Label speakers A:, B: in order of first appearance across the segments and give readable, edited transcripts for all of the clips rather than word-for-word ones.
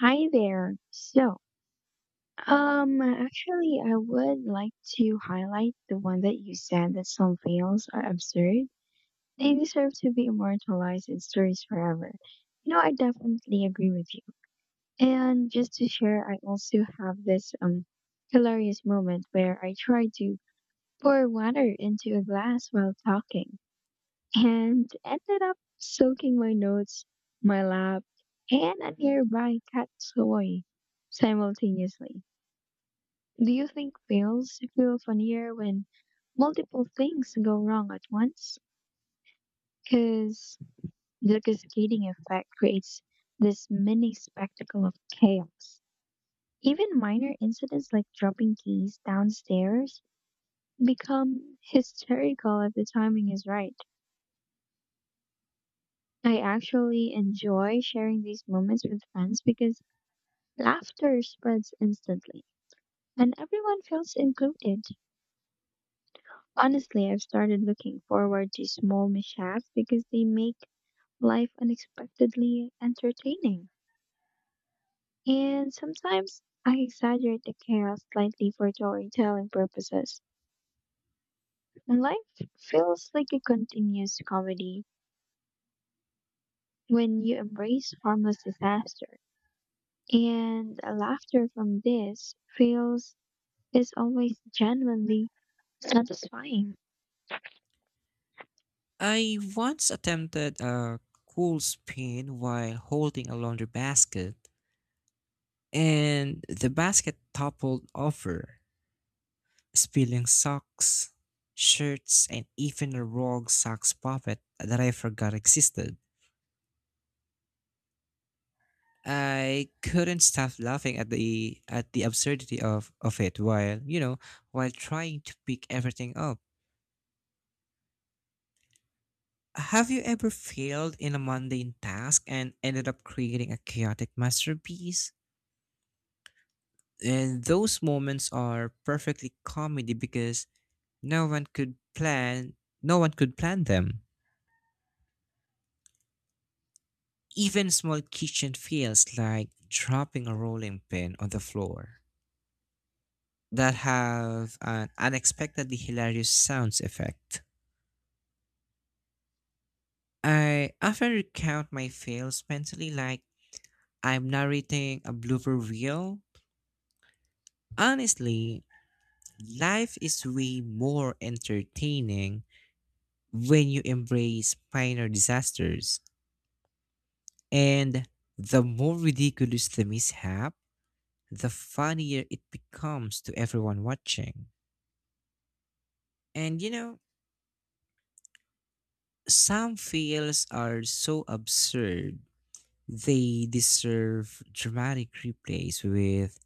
A: Hi there. So, I would like to highlight the one that you said that some fails are absurd. They deserve to be immortalized in stories forever. You know, I definitely agree with you. And just to share, I also have this hilarious moment where I tried to pour water into a glass while talking and ended up soaking my notes, my lap, and a nearby cat's toy simultaneously. Do you think fails feel funnier when multiple things go wrong at once? Because the cascading effect creates this mini spectacle of chaos. Even minor incidents like dropping keys downstairs become hysterical if the timing is right. I actually enjoy sharing these moments with friends because laughter spreads instantly and everyone feels included. Honestly, I've started looking forward to small mishaps because they make life unexpectedly entertaining. And sometimes I exaggerate the chaos slightly for storytelling purposes. And life feels like a continuous comedy when you embrace harmless disaster. And laughter from this feels is always genuinely satisfying.
B: I once attempted a cool spin while holding a laundry basket, and the basket toppled over, spilling socks, shirts, and even a rogue socks pocket that I forgot existed. I couldn't stop laughing at the absurdity of it while while trying to pick everything up. Have you ever failed in a mundane task and ended up creating a chaotic masterpiece? And those moments are perfectly comedy because no one could plan no one could plan them. Even small kitchen feels like dropping a rolling pin on the floor that have an unexpectedly hilarious sounds effect. I often recount my fails mentally like I'm narrating a blooper reel. Honestly, life is way more entertaining when you embrace minor disasters. And the more ridiculous the mishap, the funnier it becomes to everyone watching. And you know, some fails are so absurd, they deserve dramatic replays with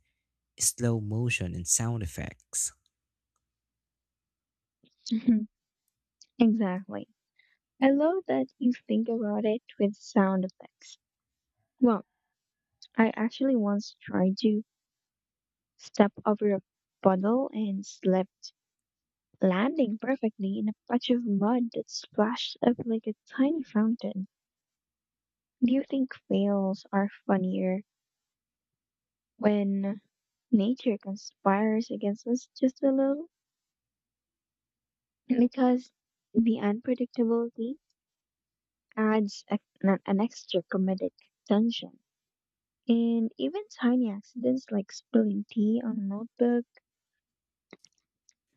B: slow motion and sound effects.
A: Exactly. I love that you think about it with sound effects. Well, I actually once tried to step over a puddle and slipped, landing perfectly in a patch of mud that splashed up like a tiny fountain. Do you think fails are funnier when nature conspires against us just a little? Because the unpredictability adds a, an extra comedic tension. And even tiny accidents like spilling tea on a notebook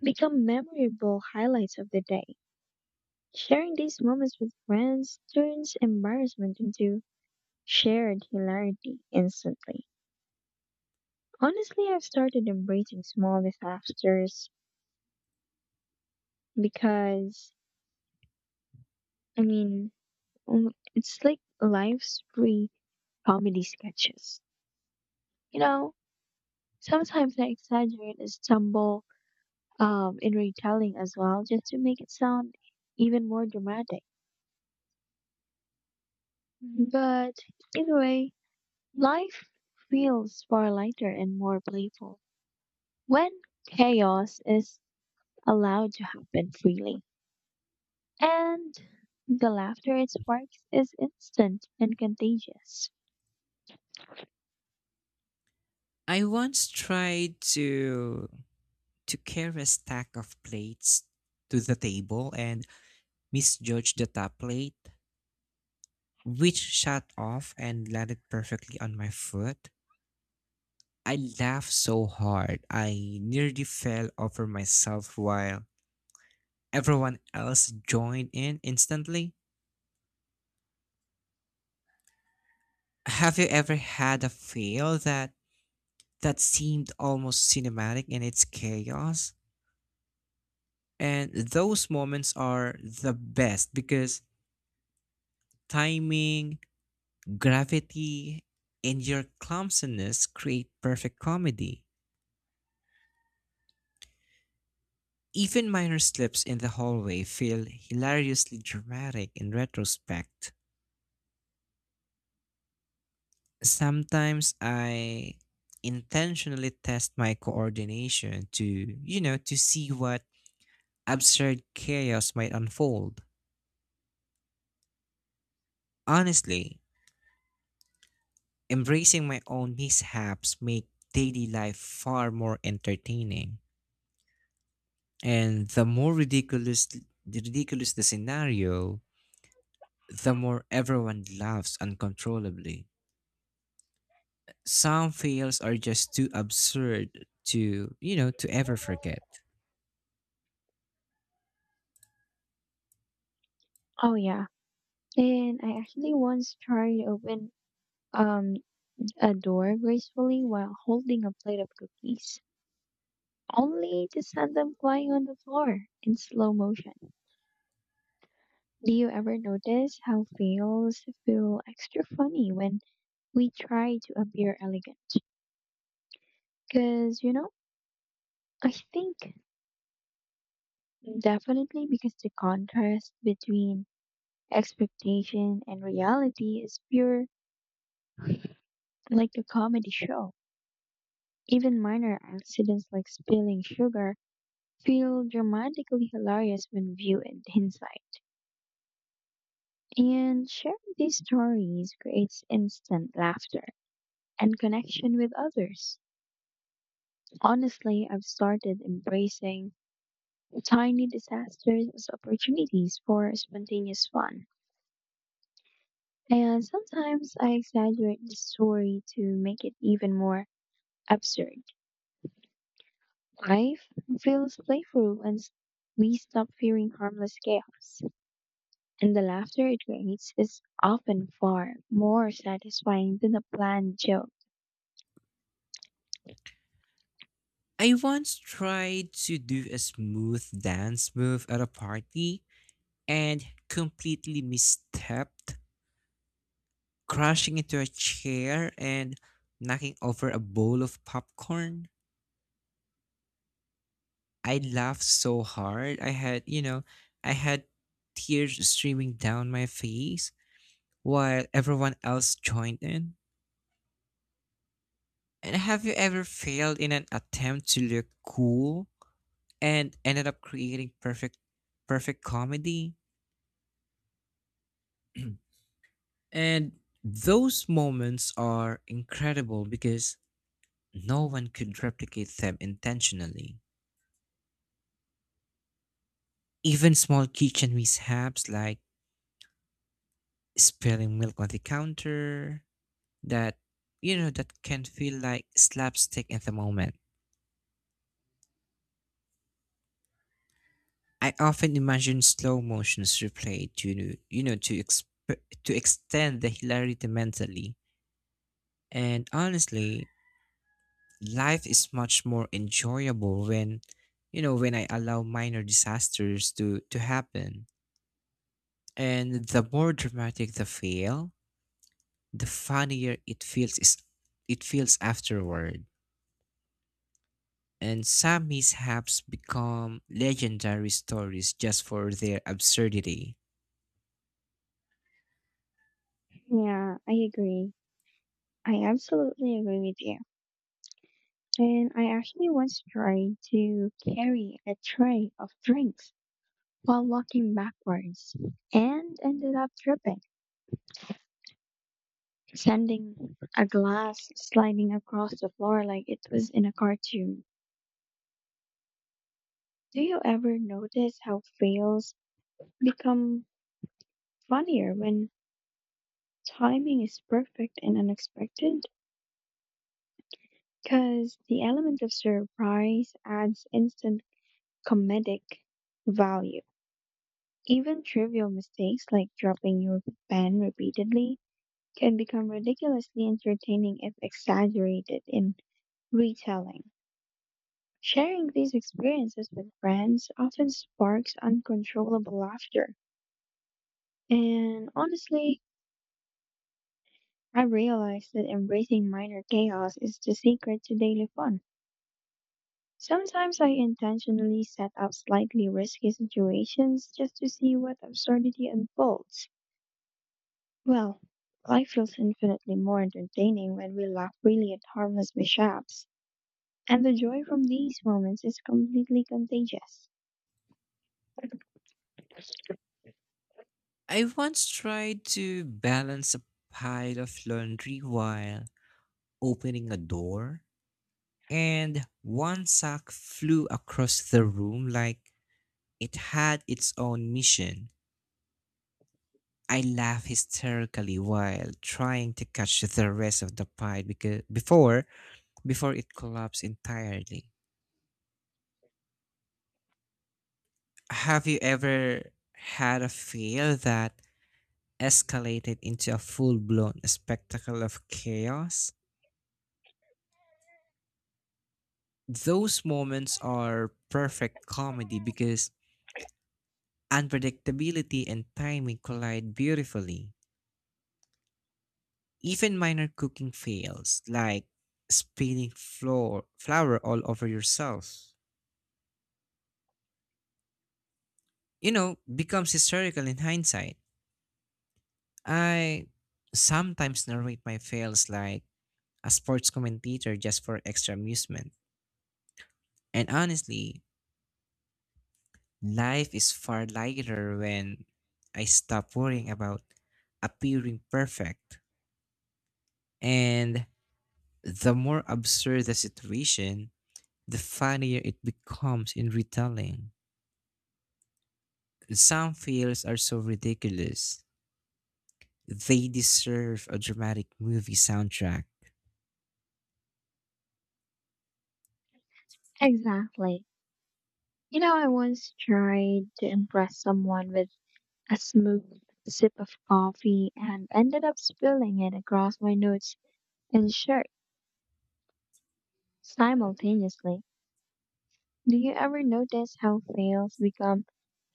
A: become memorable highlights of the day. Sharing these moments with friends turns embarrassment into shared hilarity instantly. Honestly, I've started embracing small disasters because, I mean, mm, it's like life's free comedy sketches. You know, sometimes I exaggerate and stumble in retelling as well just to make it sound even more dramatic. But either way, life feels far lighter and more playful when chaos is allowed to happen freely. And the laughter it sparks is instant and contagious.
B: I once tried to carry a stack of plates to the table and misjudged the top plate, which shot off and landed perfectly on my foot. I laughed so hard I nearly fell over myself while everyone else joined in instantly. Have you ever had a fail that seemed almost cinematic in its chaos? And those moments are the best because timing, gravity, and your clumsiness create perfect comedy. Even minor slips in the hallway feel hilariously dramatic in retrospect. Sometimes I intentionally test my coordination to see what absurd chaos might unfold. Honestly, embracing my own mishaps make daily life far more entertaining. And the more ridiculous the scenario, the more everyone laughs uncontrollably. Some fails are just too absurd to ever forget.
A: Oh yeah. And I actually once tried to open um a door gracefully while holding a plate of cookies, only to send them flying on the floor in slow motion. Do you ever notice how fails feel extra funny when we try to appear elegant? Because, you know, I think definitely because the contrast between expectation and reality is pure, like a comedy show. Even minor accidents like spilling sugar feel dramatically hilarious when viewed in hindsight. And sharing these stories creates instant laughter and connection with others. Honestly, I've started embracing tiny disasters as opportunities for spontaneous fun. And sometimes I exaggerate the story to make it even more absurd. Life feels playful and we stop fearing harmless chaos. And the laughter it creates is often far more satisfying than a planned joke.
B: I once tried to do a smooth dance move at a party and completely misstepped, crashing into a chair and knocking over a bowl of popcorn. I laughed so hard, I had tears streaming down my face while everyone else joined in. And have you ever failed in an attempt to look cool and ended up creating perfect comedy? And those moments are incredible because no one could replicate them intentionally. Even small kitchen mishaps like spilling milk on the counter that you know that can feel like slapstick at the moment. I often imagine slow motions replayed to you know to exp- to extend the hilarity mentally. And honestly, life is much more enjoyable when when I allow minor disasters to happen, and the more dramatic the fail, the funnier it feels afterward. And some mishaps become legendary stories just for their absurdity.
A: Yeah, I agree. I absolutely agree with you. And I actually once tried to carry a tray of drinks while walking backwards and ended up tripping, sending a glass sliding across the floor like it was in a cartoon. Do you ever notice how fails become funnier when timing is perfect and unexpected? Because the element of surprise adds instant comedic value. Even trivial mistakes like dropping your pen repeatedly can become ridiculously entertaining if exaggerated in retelling. Sharing these experiences with friends often sparks uncontrollable laughter. And honestly, I realized that embracing minor chaos is the secret to daily fun. Sometimes I intentionally set up slightly risky situations just to see what absurdity unfolds. Well, life feels infinitely more entertaining when we laugh freely at harmless mishaps, and the joy from these moments is completely contagious.
B: I once tried to balance a pile of laundry while opening a door, and one sock flew across the room like it had its own mission. I laughed hysterically while trying to catch the rest of the pie because before before it collapsed entirely. Have you ever had a fear that escalated into a full-blown spectacle of chaos? Those moments are perfect comedy because unpredictability and timing collide beautifully. Even minor cooking fails, like spilling flour all over yourself, becomes hysterical in hindsight. I sometimes narrate my fails like a sports commentator just for extra amusement. And honestly, life is far lighter when I stop worrying about appearing perfect. And the more absurd the situation, the funnier it becomes in retelling. Some fails are so ridiculous. They deserve a dramatic movie soundtrack.
A: Exactly. You know, I once tried to impress someone with a smooth sip of coffee and ended up spilling it across my notes and shirt simultaneously. Do you ever notice how fails become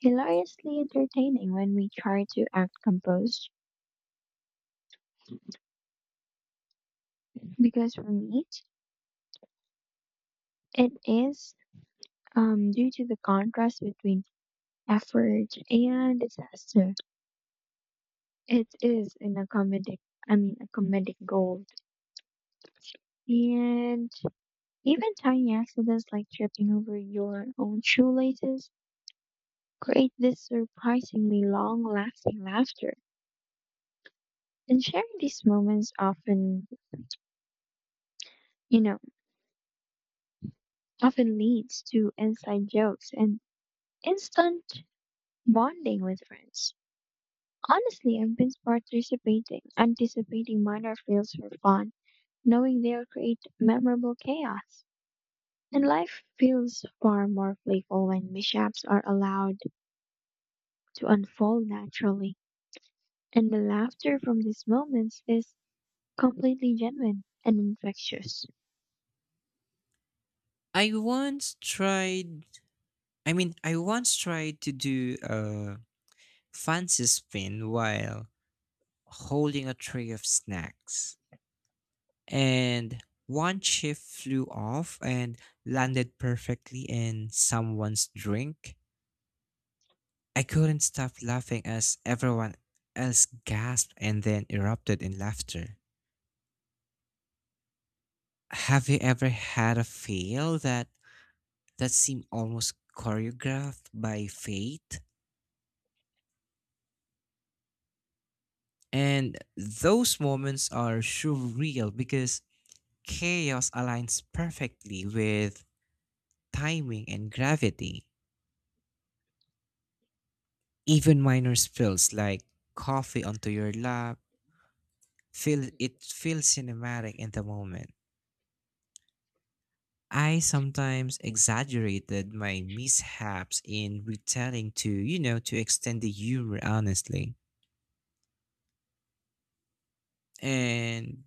A: hilariously entertaining when we try to act composed? Because for me, it is due to the contrast between effort and disaster. It is in a comedic, I mean, a comedic gold. And even tiny accidents like tripping over your own shoelaces create this surprisingly long-lasting laughter. And sharing these moments often, you know, often leads to inside jokes and instant bonding with friends. Honestly, I've been anticipating minor fails for fun, knowing they'll create memorable chaos. And life feels far more playful when mishaps are allowed to unfold naturally. And the laughter from these moments is completely genuine and infectious.
B: I once tried I once tried to do a fancy spin while holding a tray of snacks. And one chip flew off and landed perfectly in someone's drink. I couldn't stop laughing as everyone else gasped and then erupted in laughter. Have you ever had a fail that seemed almost choreographed by fate? And those moments are surreal because chaos aligns perfectly with timing and gravity. Even minor spills like coffee onto your lap feel it feels cinematic in the moment. I sometimes exaggerated my mishaps in retelling to extend the humor honestly. And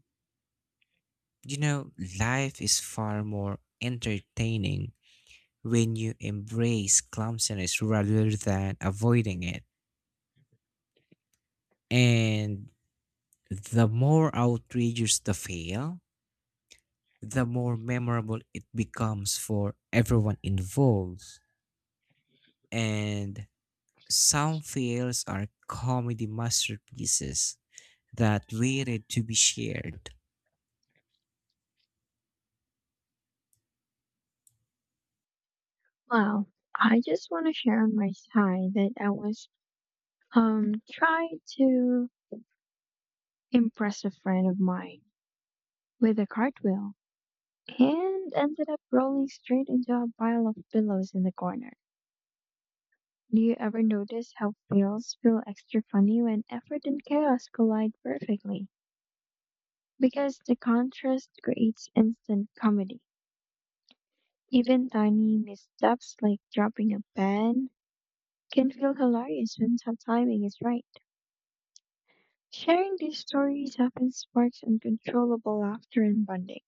B: You know, Life is far more entertaining when you embrace clumsiness rather than avoiding it. And the more outrageous the fail, the more memorable it becomes for everyone involved. And some fails are comedy masterpieces that waited to be shared.
A: Wow. I just want to share on my side that I was trying to impress a friend of mine with a cartwheel and ended up rolling straight into a pile of pillows in the corner. Do you ever notice how fails feel extra funny when effort and chaos collide perfectly? Because the contrast creates instant comedy. Even tiny missteps like dropping a pen can feel hilarious when timing is right. Sharing these stories often sparks uncontrollable laughter and bonding.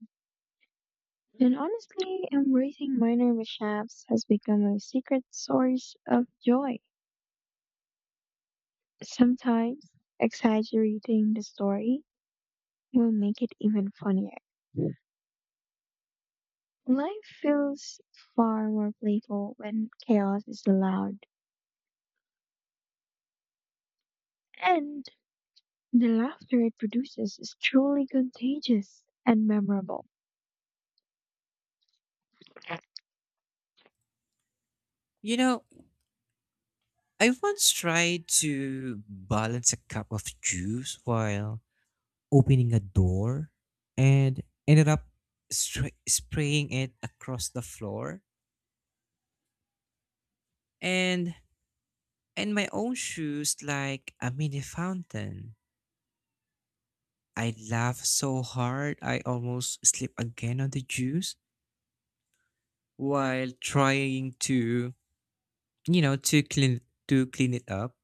A: And honestly, embracing minor mishaps has become a secret source of joy. Sometimes, exaggerating the story will make it even funnier. Life feels far more playful when chaos is allowed. And the laughter it produces is truly contagious and memorable.
B: You know, I once tried to balance a cup of juice while opening a door and ended up spraying it across the floor. And and my own shoes like a mini fountain. I laughed so hard I almost slipped again on the juice while trying to, you know, to clean it up.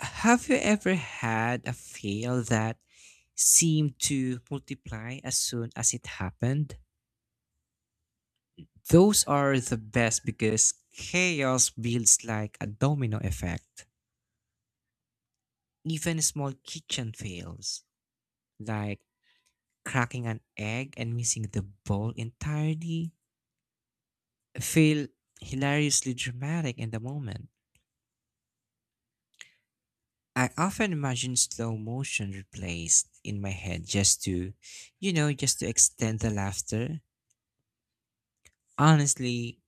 B: Have you ever had a fail that seemed to multiply as soon as it happened? Those are the best because chaos builds like a domino effect. Even small kitchen fails, like cracking an egg and missing the bowl entirely, feel hilariously dramatic in the moment. I often imagine slow motion replaced in my head just to just to extend the laughter. Honestly,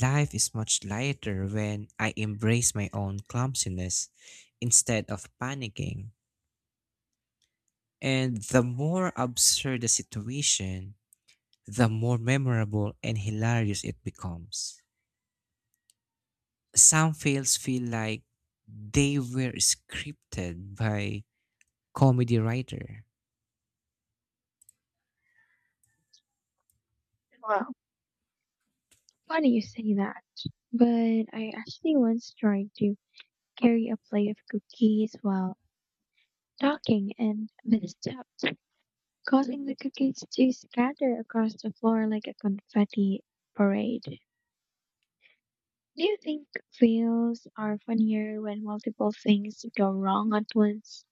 B: life is much lighter when I embrace my own clumsiness instead of panicking. And the more absurd the situation, the more memorable and hilarious it becomes. Some fails feel like they were scripted by comedy writer.
A: Well, funny you say that. But I actually once tried to carry a plate of cookies while talking and misstepped, causing the cookies to scatter across the floor like a confetti parade. Do you think fails are funnier when multiple things go wrong at once?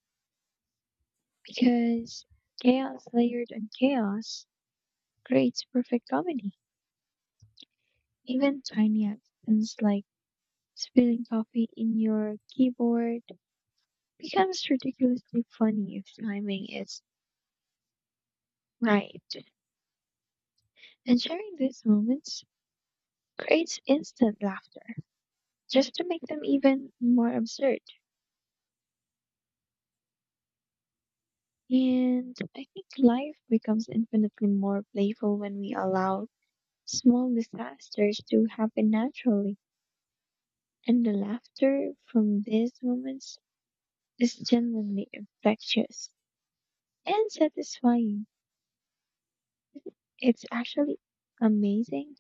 A: Because chaos layered on chaos creates perfect comedy. Even tiny accidents like spilling coffee in your keyboard becomes ridiculously funny if timing is right. And sharing these moments creates instant laughter just to make them even more absurd. And I think life becomes infinitely more playful when we allow small disasters to happen naturally. And the laughter from these moments is genuinely infectious and satisfying. It's actually amazing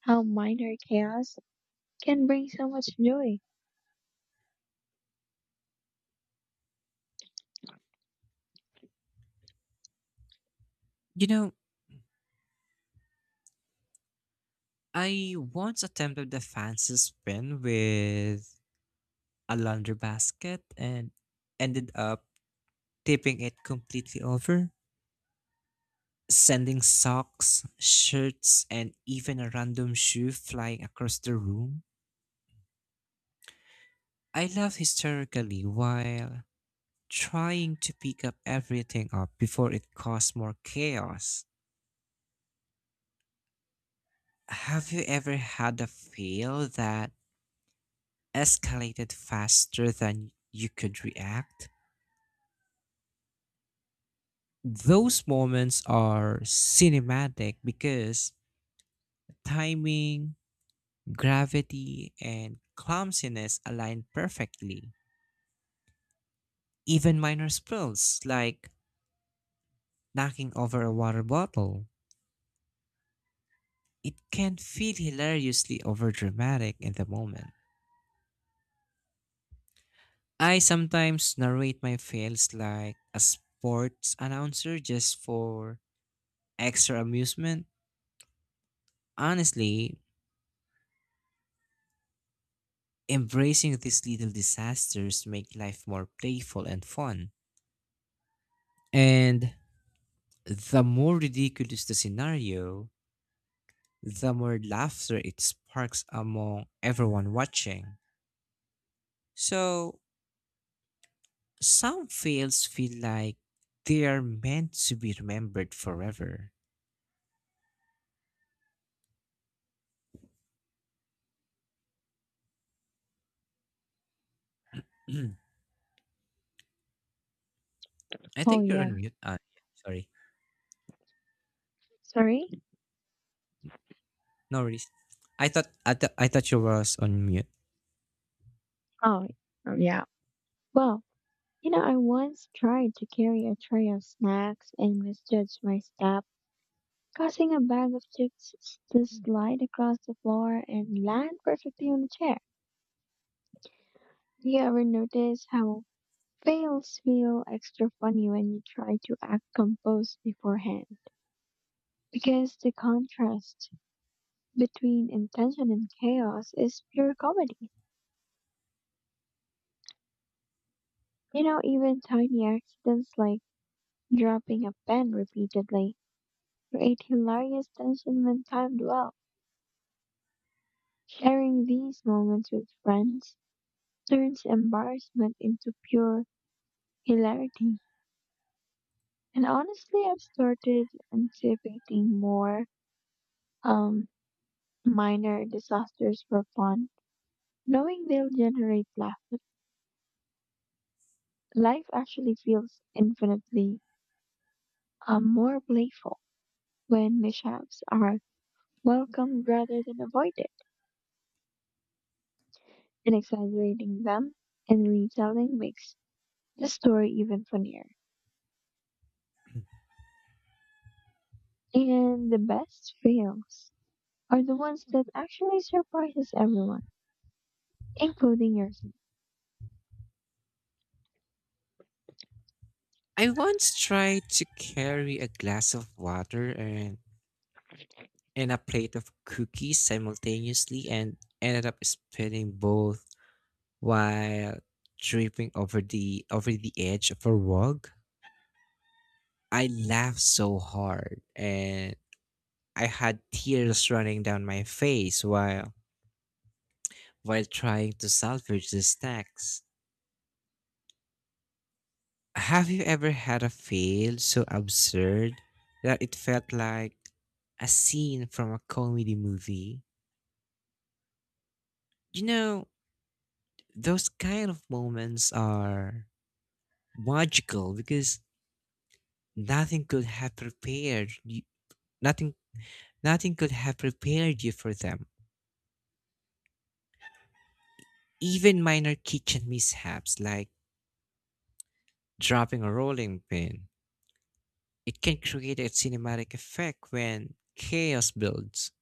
A: how minor chaos can bring so much joy.
B: You know, I once attempted the fancy spin with a laundry basket and ended up tipping it completely over, sending socks, shirts, and even a random shoe flying across the room. I laughed hysterically while trying to pick up everything up before it caused more chaos. Have you ever had a fail that escalated faster than you could react? Those moments are cinematic because timing, gravity, and clumsiness align perfectly. Even minor spills, like knocking over a water bottle, it can feel hilariously overdramatic in the moment. I sometimes narrate my fails like a sports announcer just for extra amusement. Honestly, embracing these little disasters make life more playful and fun. And the more ridiculous the scenario, the more laughter it sparks among everyone watching. So, some fails feel like they are meant to be remembered forever. Mm. I
A: Oh,
B: think you're on
A: yeah.
B: mute. Ah, yeah, sorry.
A: Sorry?
B: No worries. I thought you was on mute.
A: Oh, yeah. Well, you know, I once tried to carry a tray of snacks and misjudged my step, causing a bag of chips to slide across the floor and land perfectly on the chair. You ever notice how fails feel extra funny when you try to act composed beforehand? Because the contrast between intention and chaos is pure comedy. You know, even tiny accidents like dropping a pen repeatedly create hilarious tension when timed well. Sharing these moments with friends turns embarrassment into pure hilarity. And honestly, I've started anticipating more um, minor disasters for fun, knowing they'll generate laughter. Life actually feels infinitely more playful when mishaps are welcomed rather than avoided, and exaggerating them and retelling makes the story even funnier. And the best fails are the ones that actually surprises everyone, including yourself.
B: I once tried to carry a glass of water and a plate of cookies simultaneously and ended up spilling both while tripping over the edge of a rug. I laughed so hard and I had tears running down my face while trying to salvage the snacks. Have you ever had a fail so absurd that it felt like a scene from a comedy movie? You know, those kind of moments are magical because nothing could have prepared you, nothing nothing could have prepared you for them. Even minor kitchen mishaps like dropping a rolling pin, it can create a cinematic effect when chaos builds.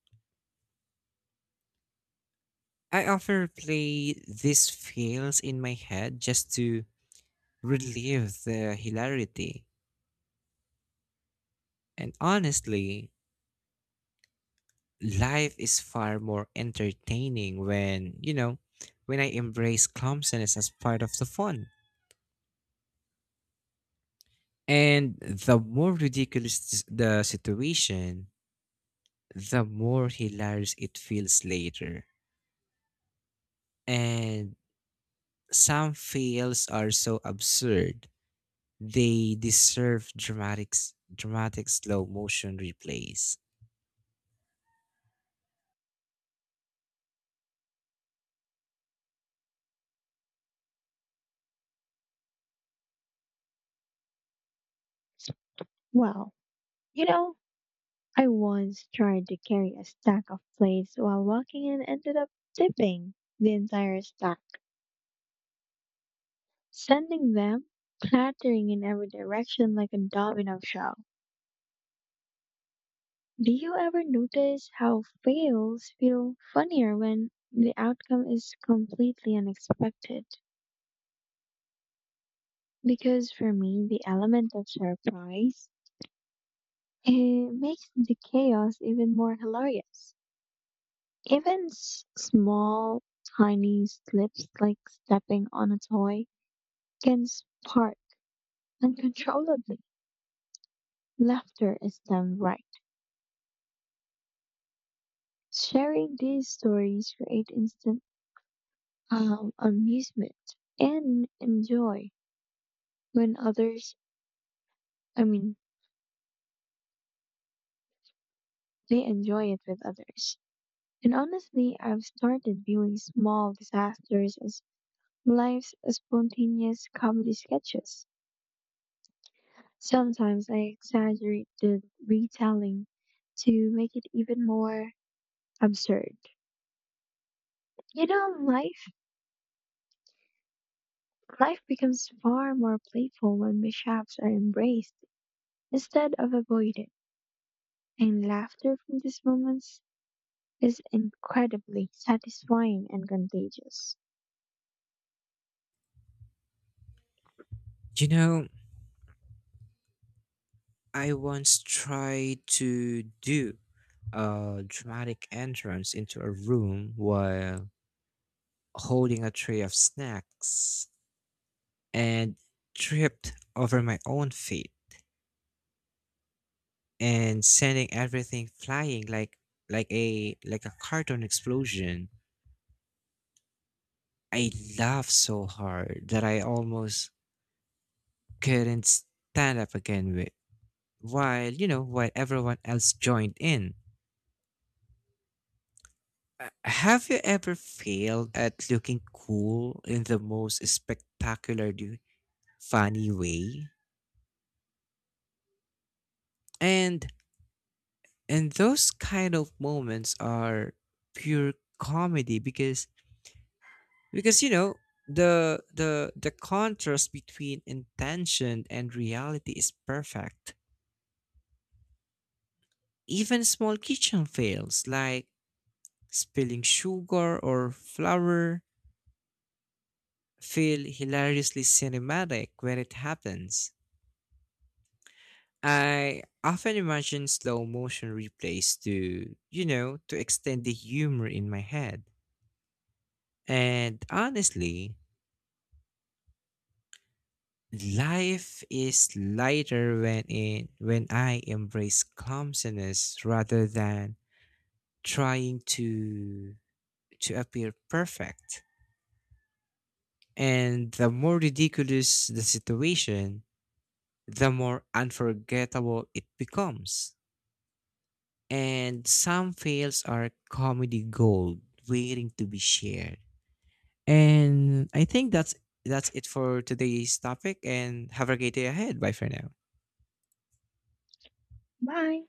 B: I often play these fails in my head just to relieve the hilarity. And honestly, life is far more entertaining when when I embrace clumsiness as part of the fun. And the more ridiculous the situation, the more hilarious it feels later. And some fails are so absurd they deserve dramatic, dramatic slow motion replays.
A: Well, you know, I once tried to carry a stack of plates while walking and ended up tipping the entire stack, sending them clattering in every direction like a domino show. Do you ever notice how fails feel funnier when the outcome is completely unexpected? Because for me, the element of surprise, it makes the chaos even more hilarious. Even small, tiny slips like stepping on a toy can spark uncontrollably. Laughter is done right. Sharing these stories create instant amusement and enjoy when I mean, they enjoy it with others. And honestly, I've started viewing small disasters as life's spontaneous comedy sketches. Sometimes I exaggerate the retelling to make it even more absurd. You know, life becomes far more playful when mishaps are embraced instead of avoided. And laughter from these moments is incredibly satisfying and contagious.
B: You know, I once tried to do a dramatic entrance into a room while holding a tray of snacks, and tripped over my own feet and sending everything flying like like a cartoon explosion. I laughed so hard that I almost couldn't stand up again with while you know while everyone else joined in. Have you ever failed at looking cool in the most spectacularly funny way? And and those kind of moments are pure comedy because the contrast between intention and reality is perfect. Even small kitchen fails like spilling sugar or flour feel hilariously cinematic when it happens. I often imagine slow motion replays to you know to extend the humor in my head. And honestly, life is lighter when I embrace clumsiness rather than trying to appear perfect. And the more ridiculous the situation, the more unforgettable it becomes. And some fails are comedy gold waiting to be shared. And I think that's it for today's topic, and have a great day ahead. Bye for now.
A: Bye.